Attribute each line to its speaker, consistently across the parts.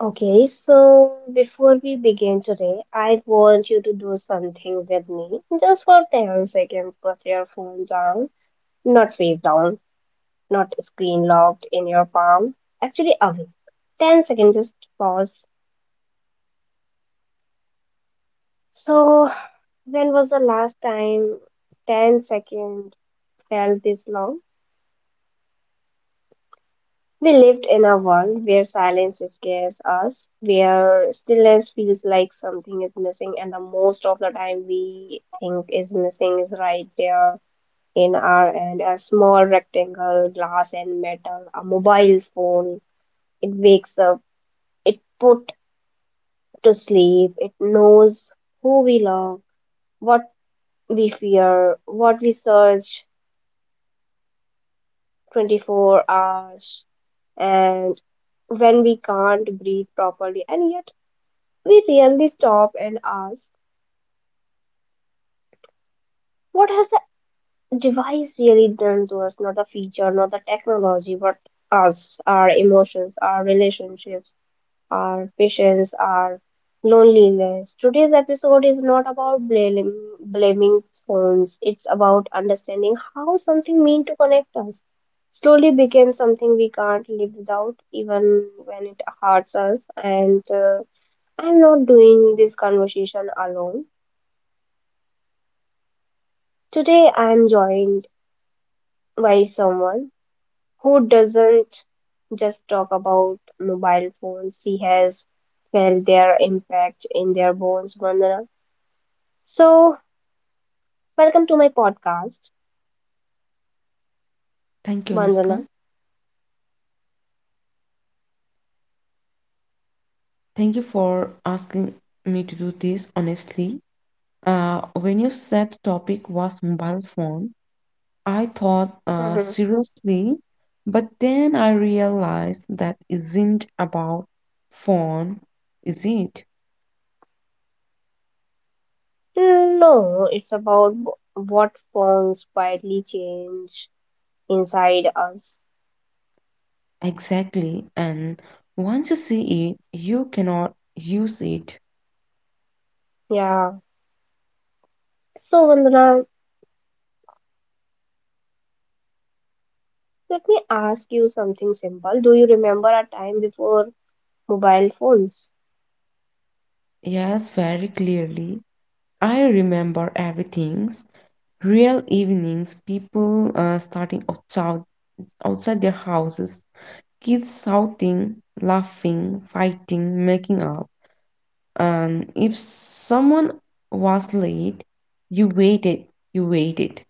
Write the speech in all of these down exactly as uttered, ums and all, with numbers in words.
Speaker 1: Okay, so before we begin today, I want you to do something with me just for ten seconds. Put your phone down, not face down, not screen locked in your palm, actually away. ten seconds, just pause. So, when was the last time ten seconds felt this long? We lived in a world where silence scares us, where stillness feels like something is missing, and the most of the time we think is missing is right there in our hand. A small rectangle, glass and metal, a mobile phone. It wakes up, it put to sleep, it knows who we love, what we fear, what we search twenty-four hours, and when we can't breathe properly and yet we rarely stop and ask, what has the device really done to us? Not the feature, not the technology, but us, our emotions, our relationships, our patience, our loneliness. Today's episode is not about blaming, blaming phones, it's about understanding how something mean to connect us. Slowly became something we can't live without, even when it hurts us. And uh, I'm not doing this conversation alone. Today I am joined by someone who doesn't just talk about mobile phones, she has felt their impact in their bones, Vandana. So, welcome to my podcast,
Speaker 2: Thank you,
Speaker 1: Vandana.
Speaker 2: Anushka. Thank you for asking me to do this honestly. Uh, when you said the topic was mobile phone, I thought uh,
Speaker 1: Hmm.
Speaker 2: seriously, but then I realized that isn't about phone, is it?
Speaker 1: No, it's about wh- what phones quietly change inside us.
Speaker 2: Exactly. And once you see it, you cannot use it.
Speaker 1: Yeah. So, Vandana, let me ask you something simple. Do you remember a time before mobile phones?
Speaker 2: Yes, very clearly. I remember everything. Real evenings, people uh, starting of outside their houses, kids shouting, laughing, fighting, making up. And if someone was late, you waited, you waited.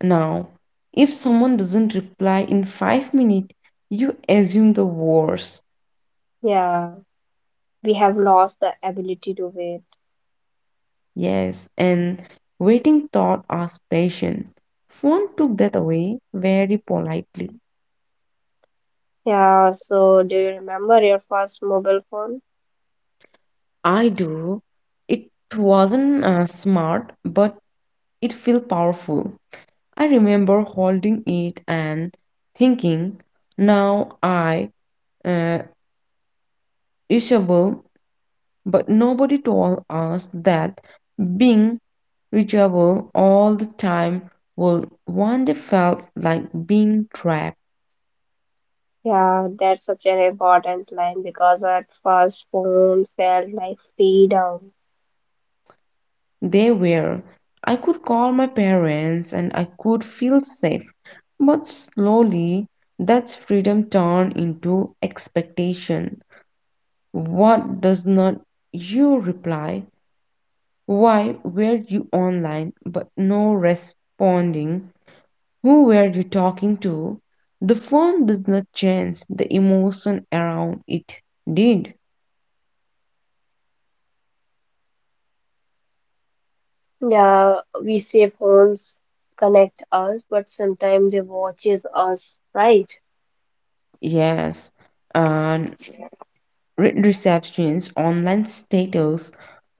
Speaker 2: Now, if someone doesn't reply in five minutes, you assume the worst.
Speaker 1: Yeah, we have lost the ability to wait.
Speaker 2: Yes, and waiting taught us patience. Phone took that away very politely.
Speaker 1: Yeah, so do you remember your first mobile phone?
Speaker 2: I do. It wasn't uh, smart, but it felt powerful. I remember holding it and thinking, now I uh, reachable, but nobody told us that being reachable all the time would one day felt like being trapped.
Speaker 1: Yeah, that's such an important line because at first phone felt like freedom.
Speaker 2: They were. I could call my parents and I could feel safe, but slowly that freedom turned into expectation. What does not you reply? Why were you online but no responding? Who were you talking to? The phone did not change the emotion around it, did?
Speaker 1: Yeah, we say phones connect us, but sometimes they watches us, right?
Speaker 2: Yes. And re- receptions, online status,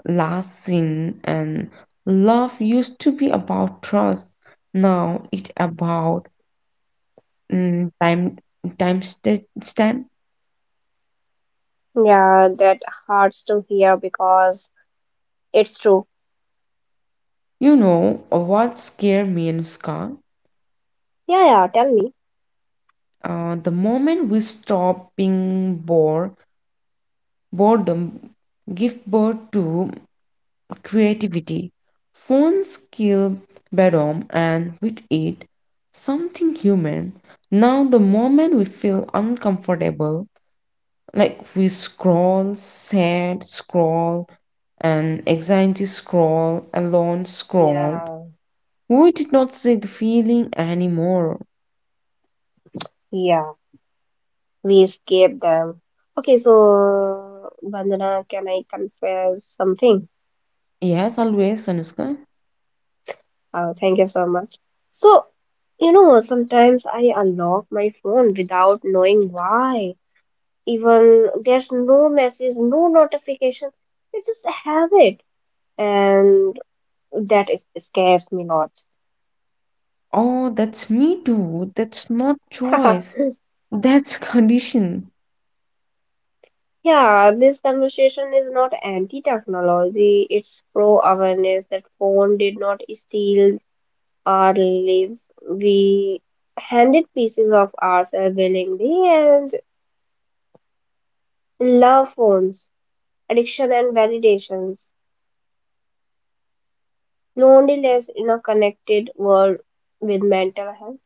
Speaker 2: last seen, and love used to be about trust. Now it about mm, time time sta- stamp.
Speaker 1: Yeah, that hurts to hear because it's true.
Speaker 2: You know uh, what scared me and
Speaker 1: Yeah, yeah, tell me.
Speaker 2: Uh, the moment we stop being bored, boredom give birth to creativity. Phones kill boredom, and with it, something human. Now, the moment we feel uncomfortable, like we scroll, sad, scroll, and anxiety scroll, alone scroll,
Speaker 1: Yeah,
Speaker 2: we did not see the feeling anymore.
Speaker 1: yeah, we escape them. Okay, so Vandana, can I confess something?
Speaker 2: Yes, always, Anushka.
Speaker 1: Oh, thank you so much. So, you know, sometimes I unlock my phone without knowing why. Even there's no message, no notification. It's just a habit, and that is, scares me lot.
Speaker 2: Oh, that's me too. That's not choice. That's condition.
Speaker 1: Yeah, this conversation is not anti-technology, it's pro-awareness that phone did not steal our lives. We handed pieces of ourselves willingly and love phones. Addiction and validations, loneliness in a connected world with mental health,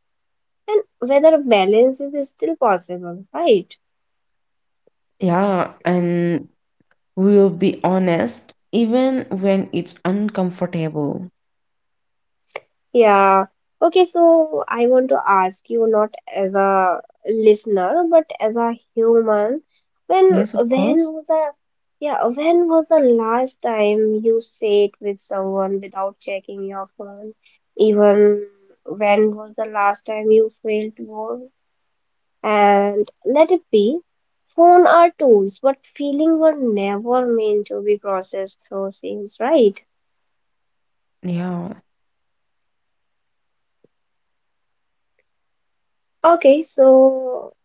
Speaker 1: and whether balance is still possible, right?
Speaker 2: Yeah, and we'll be honest even when it's uncomfortable.
Speaker 1: Yeah. Okay, so I want to ask you not as a listener, but as a human, when
Speaker 2: Yes, of
Speaker 1: when
Speaker 2: course.
Speaker 1: was the yeah, when was the last time you sat with someone without checking your phone? Even when was the last time you felt bored? And let it be, phone are tools, but feeling were never meant to be processed through scenes, right?
Speaker 2: Yeah.
Speaker 1: Okay, so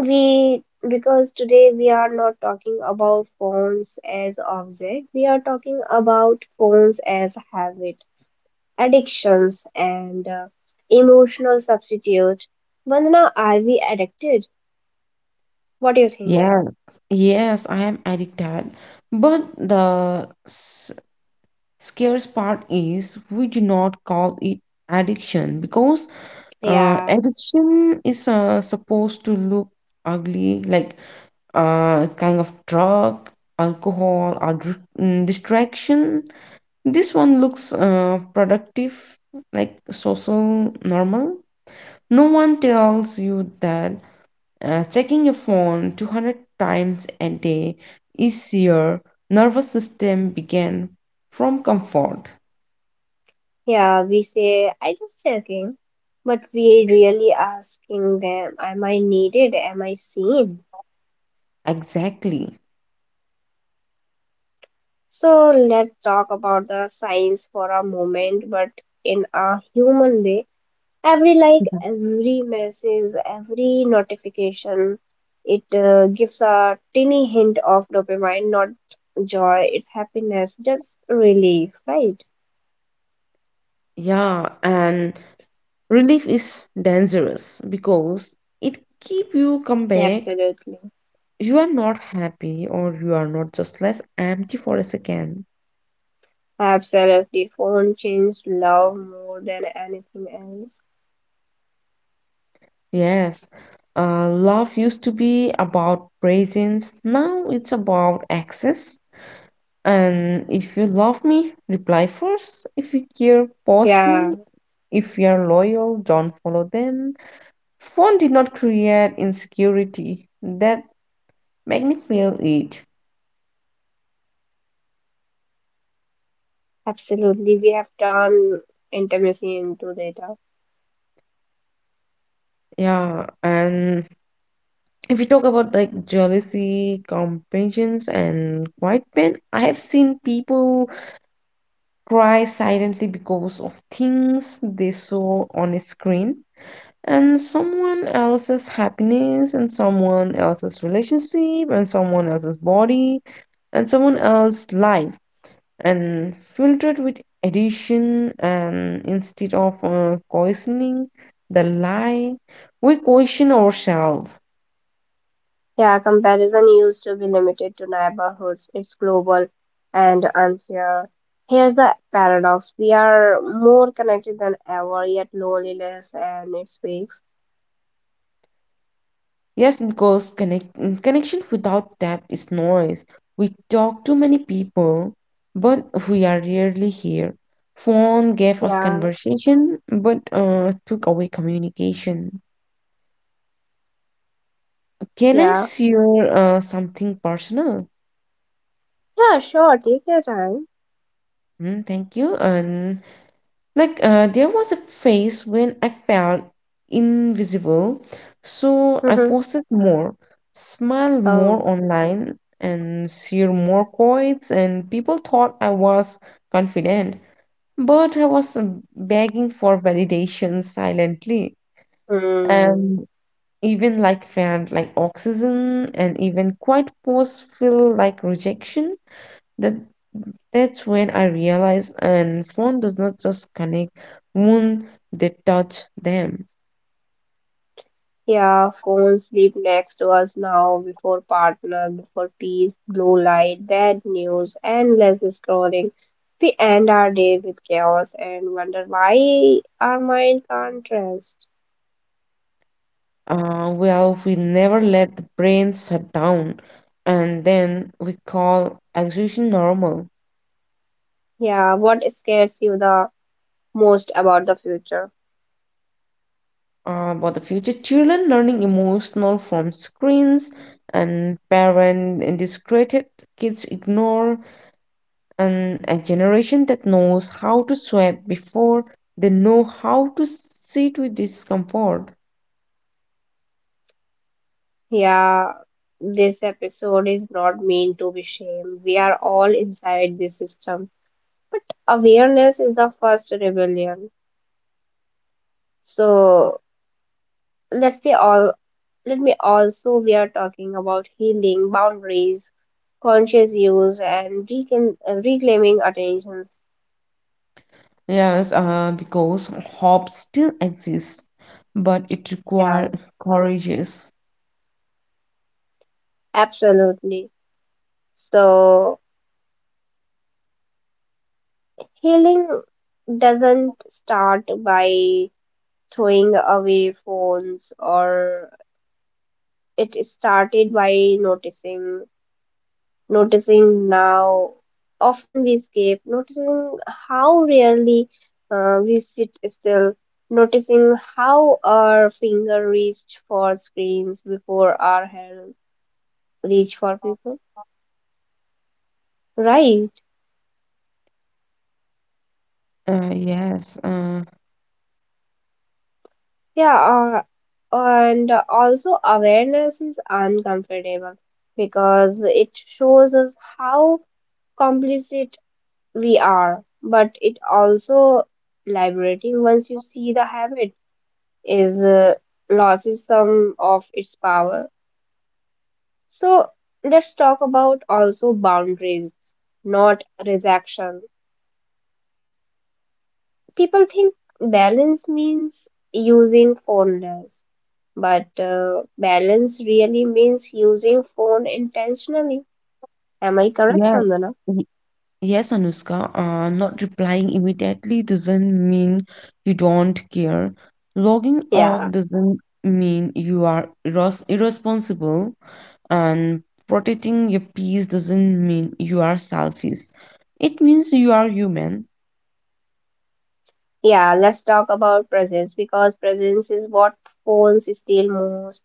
Speaker 1: we because today we are not talking about phones as object, we are talking about phones as habit, addictions, and uh, emotional substitute. Vandana, are we addicted? What do you think?
Speaker 2: Yeah. Yes, I am addicted. But the s- scarce part is we do not call it addiction because uh,
Speaker 1: Yeah.
Speaker 2: addiction is uh, supposed to look ugly like uh, kind of drug, alcohol, or dr- mm, distraction. This one looks uh, productive, like social normal. No one tells you that uh, checking your phone two hundred times a day is your nervous system began from comfort.
Speaker 1: Yeah, we say, I just checking, but we really asking them, am I needed? Am I seen?
Speaker 2: Exactly.
Speaker 1: So let's talk about the signs for a moment, but in a human way. Every like, every message, every notification, it uh, gives a tiny hint of dopamine, not joy, it's happiness, just relief, right?
Speaker 2: Yeah, and relief is dangerous because it keep you come back.
Speaker 1: Absolutely.
Speaker 2: You are not happy or you are not just less empty for a second.
Speaker 1: Absolutely. Phone changed love more than anything else.
Speaker 2: Yes, uh, love used to be about presence, now it's about access. And if you love me, reply first. If you care, post
Speaker 1: Yeah,
Speaker 2: me. If you are loyal, don't follow them. Phone did not create insecurity that magnify it.
Speaker 1: absolutely. We have turned intimacy into data.
Speaker 2: Yeah, and if you talk about like jealousy, compassions, and quiet pain, I have seen people cry silently because of things they saw on a screen and someone else's happiness and someone else's relationship and someone else's body and someone else's life and filtered with addition and instead of uh, questioning the lie we question ourselves.
Speaker 1: Yeah, comparison used to be limited to neighborhoods. It's global and unfair. Here's the paradox. We are more connected than ever, yet loneliness and it speaks.
Speaker 2: Yes, because connect, mm, connection without depth is noise. We talk to many people, but we are rarely here. Phone gave us
Speaker 1: Yeah,
Speaker 2: conversation, but uh, took away communication. Can I
Speaker 1: yeah.
Speaker 2: share uh, something personal?
Speaker 1: Yeah, sure, take your time.
Speaker 2: Mm, thank you, and like, uh, there was a phase when I felt invisible, so I
Speaker 1: Mm-hmm.
Speaker 2: posted more, smiled
Speaker 1: Oh.
Speaker 2: more online, and shared more quotes, and people thought I was confident, but I was um, begging for validation silently,
Speaker 1: Hmm.
Speaker 2: and even like felt like oxygen, and even quiet posts feel like rejection that that's when I realized and phone does not just connect when they touch them.
Speaker 1: Yeah, phones sleep next to us now, before partner, before peace, blue light, bad news, endless scrolling. We end our day with chaos and wonder why our mind can't rest.
Speaker 2: Uh, well, we never let the brain shut down, and then we call exhaustion normal.
Speaker 1: Yeah, what scares you the most about the future?
Speaker 2: Uh, but the future children learning emotional from screens and parent indiscreet kids ignore and a generation that knows how to sweat before they know how to sit with discomfort.
Speaker 1: Yeah, this episode is not meant to be shame. We are all inside this system. But awareness is the first rebellion. So let's be all. Let me also, we are talking about healing, boundaries, conscious use, and reclaim, uh, reclaiming attentions.
Speaker 2: Yes, uh, because hope still exists, but it
Speaker 1: Yeah,
Speaker 2: requires courageous.
Speaker 1: absolutely. So, healing doesn't start by throwing away phones, or it started by noticing noticing now often we escape noticing how rarely uh, we sit still noticing how our finger reached for screens before our hand reach for people, right?
Speaker 2: Uh, yes, uh,
Speaker 1: yeah uh, and also awareness is uncomfortable because it shows us how complicit we are but it also liberating once you see the habit is uh, loses some of its power. So let's talk about also boundaries, not rejection. People think balance means using phone less, but uh, balance really means using phone intentionally. Am I correct,
Speaker 2: yeah,
Speaker 1: Vandana?
Speaker 2: Yes, Anushka, uh, not replying immediately doesn't mean you don't care. Logging off
Speaker 1: Yeah.
Speaker 2: doesn't mean you are irros irresponsible, and protecting your peace doesn't mean you are selfish. It means you are human.
Speaker 1: Yeah, let's talk about presence because presence is what phones steal most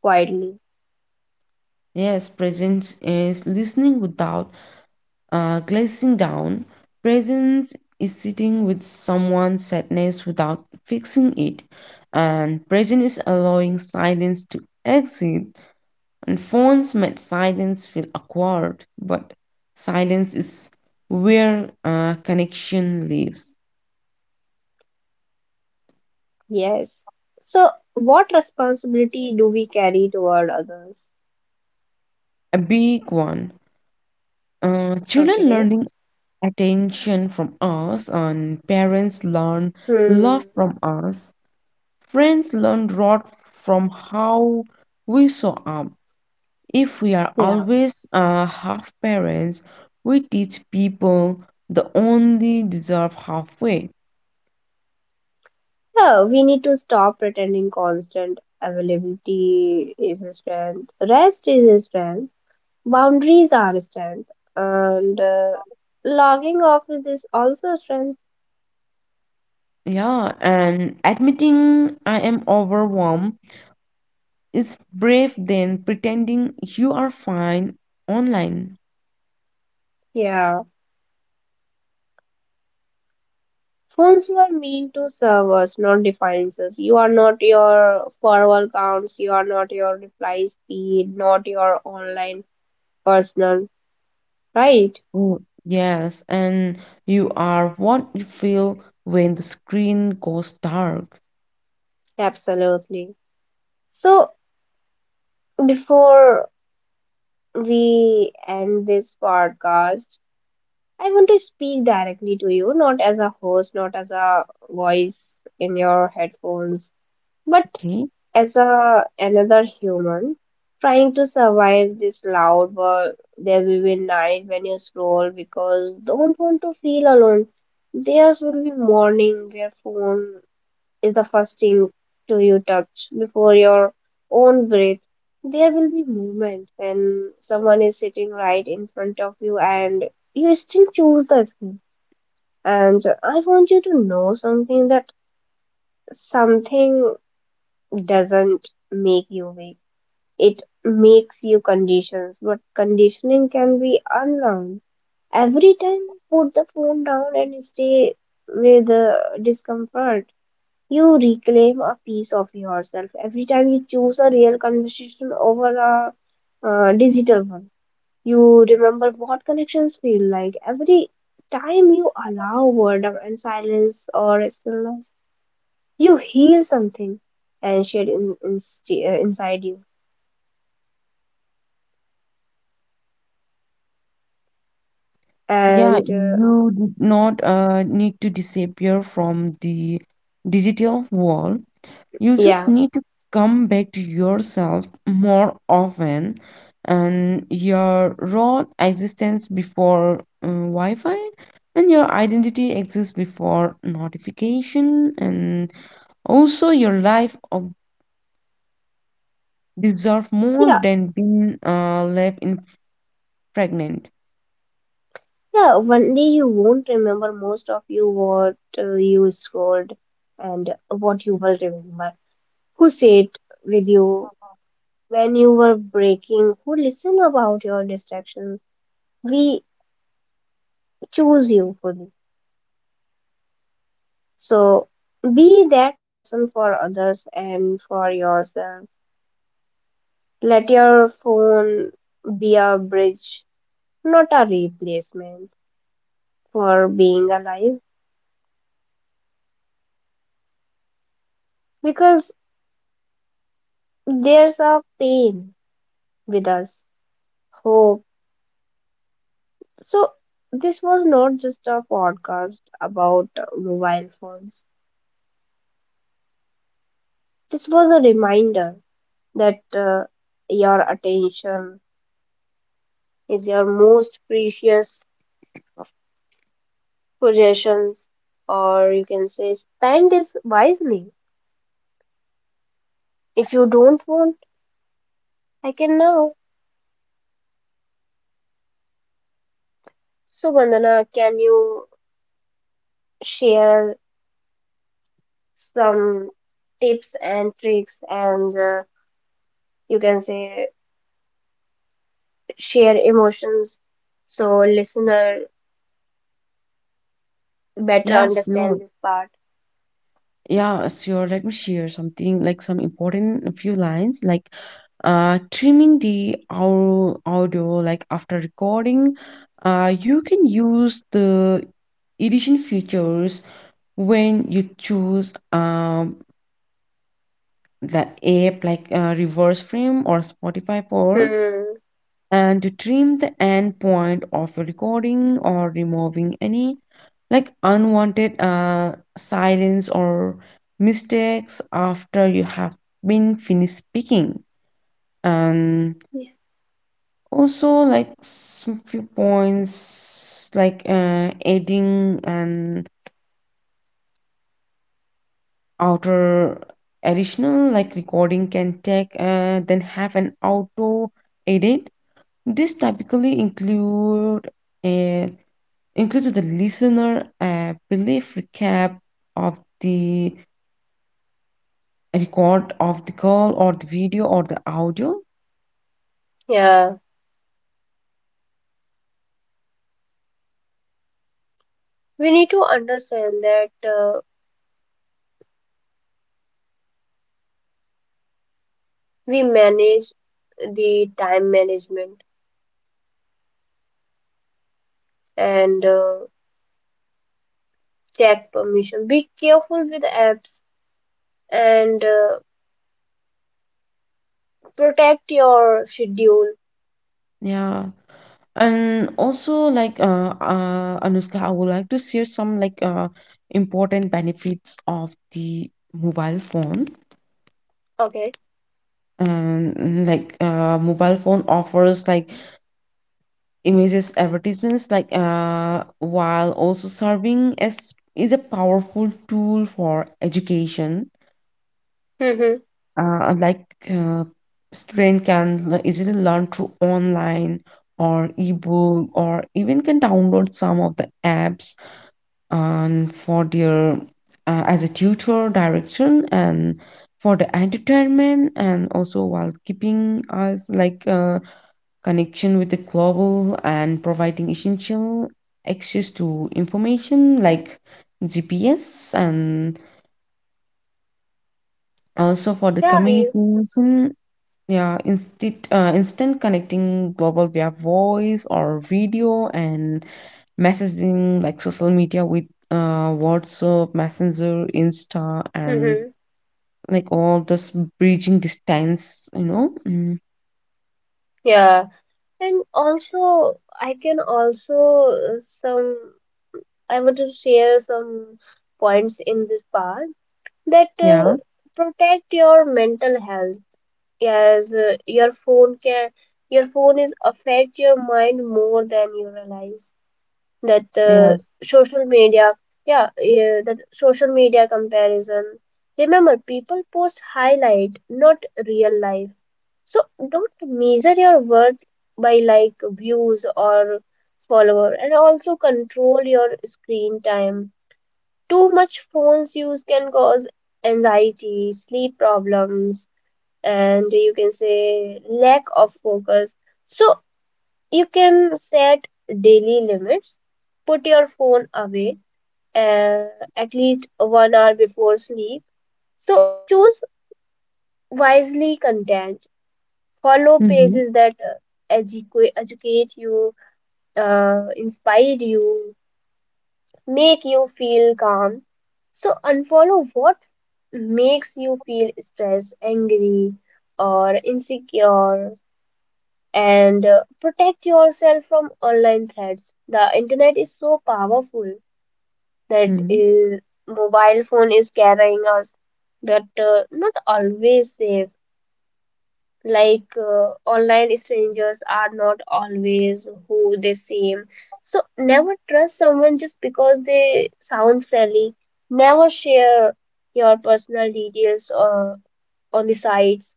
Speaker 1: quietly.
Speaker 2: Yes, presence is listening without Uh, glazing down, presence is sitting with someone's sadness without fixing it, and presence is allowing silence to exist. And phones made silence feel awkward, but silence is where uh, connection lives.
Speaker 1: Yes. So, what responsibility do we carry toward others?
Speaker 2: A big one. Uh, children
Speaker 1: Okay.
Speaker 2: learning attention from us, and parents learn love
Speaker 1: Hmm.
Speaker 2: from us. Friends learn a lot from how we show up. If we are
Speaker 1: Yeah.
Speaker 2: always uh, half parents, we teach people the only deserve halfway.
Speaker 1: So, we need to stop pretending constant availability is a strength, rest is a strength, boundaries are a strength, and uh, logging off is also a strength.
Speaker 2: Yeah, and admitting I am overwhelmed is brave than pretending you are fine online.
Speaker 1: Yeah. Phones were meant to serve us, not define us. You are not your forward counts, you are not your reply speed, not your online personal. Right,
Speaker 2: Mm, Yes, and you are what you feel when the screen goes dark.
Speaker 1: absolutely. So, before we end this podcast, I want to speak directly to you, not as a host, not as a voice in your headphones, but
Speaker 2: Okay.
Speaker 1: as a another human trying to survive this loud world. There will be night when you scroll because don't want to feel alone. There will be morning where phone is the first thing to you touch before your own breath. There will be movement when someone is sitting right in front of you and you still choose the screen. And I want you to know something, that something doesn't make you weak. It makes you conditions, but conditioning can be unlearned. Every time put the phone down and stay with uh, discomfort, you reclaim a piece of yourself every time you choose a real conversation over a uh, digital one. You remember what connections feel like every time you allow boredom and silence or stillness. You heal something and shed in, in, uh, inside you.
Speaker 2: Yeah,
Speaker 1: And uh,
Speaker 2: you did not uh, need to disappear from the digital wall. You just
Speaker 1: yeah,
Speaker 2: need to come back to yourself more often and your raw existence before uh, Wi-Fi and your identity exists before notification and also your life of deserve more
Speaker 1: yeah,
Speaker 2: than being uh, left in fragment.
Speaker 1: yeah. One day you won't remember most of you what uh, you scrolled, and what you will remember. Who said with you when you were breaking, who listen about your distraction, we choose you fully. So be that person for others and for yourself. Let your phone be a bridge, not a replacement for being alive, because there's a pain with us hope. So, this was not just a podcast about uh, mobile phones, this was a reminder that uh, your attention is your most precious possessions, or you can say spend it wisely if you don't want. I can now. So Vandana, can you share some tips and tricks, and uh, you can say share emotions, so listener better
Speaker 2: Yeah, sure.
Speaker 1: understand this part?
Speaker 2: Yeah, sure. Let me share something like some important few lines like uh trimming the au- audio like after recording uh you can use the edition features when you choose um the app like uh, reverse frame or spotify for
Speaker 1: Hmm.
Speaker 2: and to trim the end point of a recording or removing any like unwanted uh, silence or mistakes after you have been finished speaking and also like some few points like uh, adding an outer additional like recording can take uh, then have an auto edit this typically include a into the listener a brief recap of the record of the call or the video or the audio.
Speaker 1: Yeah, we need to understand that uh, we manage the time management, and uh, check permission. Be careful with apps and uh, protect your schedule.
Speaker 2: Yeah, and also like uh, uh anushka I would like to share some like uh important benefits of the mobile phone
Speaker 1: Okay.
Speaker 2: and like uh mobile phone offers like images advertisements like uh while also serving as is a powerful tool for education
Speaker 1: Mm-hmm.
Speaker 2: uh, like uh, student can l- easily learn through online or ebook or even can download some of the apps and for their uh, as a tutor direction and for the entertainment and also while keeping us like uh, connection with the global and providing essential access to information like gps and also for the
Speaker 1: Yeah. You,
Speaker 2: communication. Yeah, instant, uh, instant connecting global via voice or video and messaging like social media with uh, WhatsApp, Messenger, Insta, and
Speaker 1: mm-hmm.
Speaker 2: like all this bridging distance, you know? Mm.
Speaker 1: Yeah. And also, I can also uh, some. I want to share some points in this part that
Speaker 2: Yeah,
Speaker 1: uh, protect your mental health. Yes, uh, your phone can your phone is affect your mind more than you realize. That uh,
Speaker 2: yes.
Speaker 1: social media, yeah, yeah, that social media comparison. Remember, people post highlight, not real life. So don't measure your worth by like views or follower, and also control your screen time. Too much phones use can cause anxiety, sleep problems and you can say lack of focus. So you can set daily limits, put your phone away uh, at least one hour before sleep. So choose wisely content, follow
Speaker 2: Mm-hmm.
Speaker 1: pages that uh, educate, educate you, uh, inspire you, make you feel calm. So unfollow what makes you feel stressed, angry, or insecure and uh, protect yourself from online threats. The internet is so powerful that
Speaker 2: Mm-hmm.
Speaker 1: uh, mobile phone is carrying us, but uh, not always safe. Like uh, online strangers are not always who they seem. So never trust someone just because they sound friendly. Never share your personal details uh, on the sites.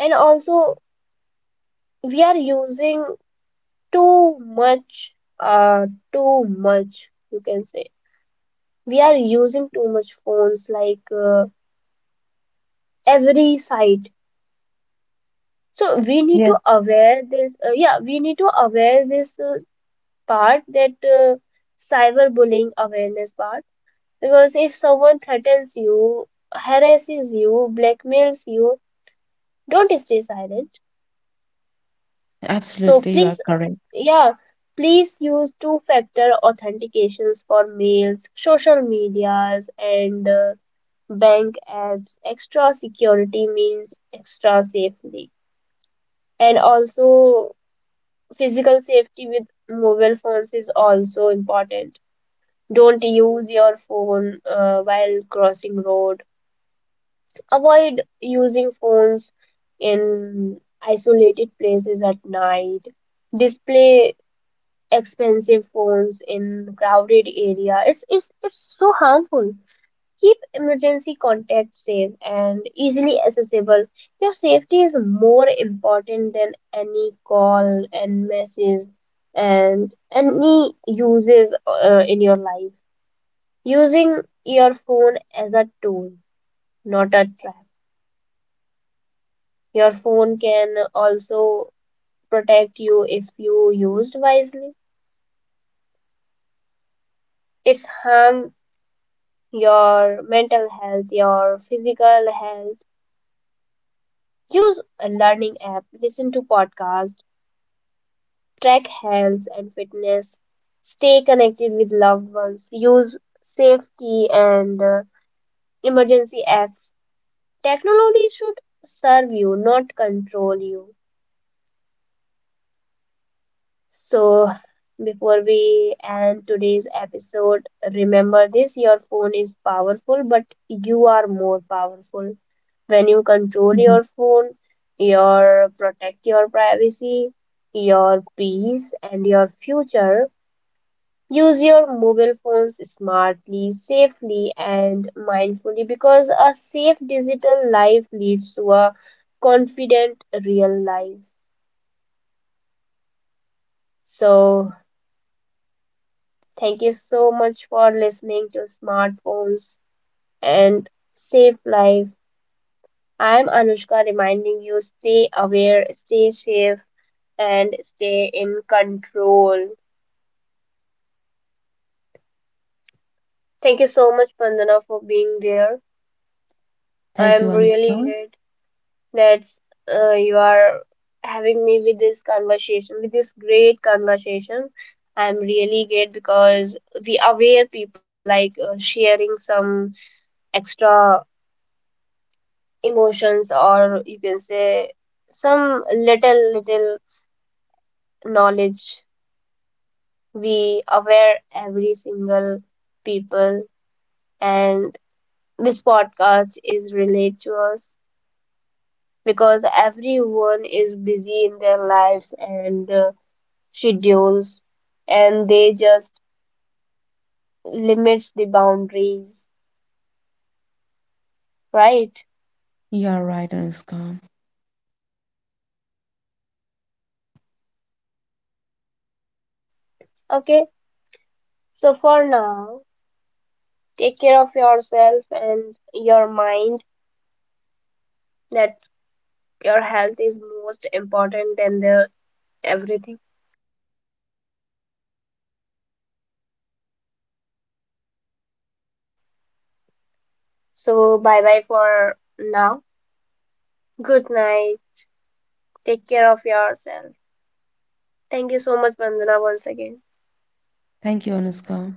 Speaker 1: And also, we are using too much uh too much you can say we are using too much phones like uh, every site, so we need
Speaker 2: Yes,
Speaker 1: to aware this uh, yeah we need to aware this uh, part that uh, cyberbullying awareness part, because if someone threatens you, harasses you, blackmails you, don't stay silent. So
Speaker 2: absolutely. You are
Speaker 1: please,
Speaker 2: correct.
Speaker 1: yeah, please use two factor authentications for mails, social medias, and uh, bank adds extra security means extra safety. And also, physical safety with mobile phones is also important. Don't use your phone uh, while crossing road. Avoid using phones in isolated places at night. Display expensive phones in crowded area, it's it's, it's so harmful. Keep emergency contacts safe and easily accessible. Your safety is more important than any call and message and any uses uh, in your life. Using your phone as a tool, not a trap. Your phone can also protect you if you used wisely. It's harm your mental health, your physical health. Use a learning app, listen to podcasts, track health and fitness, stay connected with loved ones, use safety and uh, emergency apps. Technology should serve you, not control you. So, before we end today's episode, remember this: your phone is powerful, but you are more powerful. When you control
Speaker 2: Hmm.
Speaker 1: your phone, your protect your privacy, your peace, and your future. Use your mobile phones smartly, safely, and mindfully because a safe digital life leads to a confident real life. So, thank you so much for listening to Smartphones and Safe Life. I'm Anushka, reminding you stay aware, stay safe, and stay in control. Thank you so much, Pandana, for being there.
Speaker 2: Thank you,
Speaker 1: I'm really
Speaker 2: Anushka.
Speaker 1: glad That's uh, you are having me with this conversation, with this great conversation. I'm really great because we aware people like uh, sharing some extra emotions, or you can say some little little knowledge. We aware every single people, and this podcast is related to us because everyone is busy in their lives and uh, schedules, and they just limits the boundaries, right?
Speaker 2: You are right, Anushka.
Speaker 1: Okay, so for now, take care of yourself and your mind, that your health is most important than the everything. So bye bye for now. Good night. Take care of yourself. Thank you so much, Vandana, once again.
Speaker 2: Thank you, Anushka.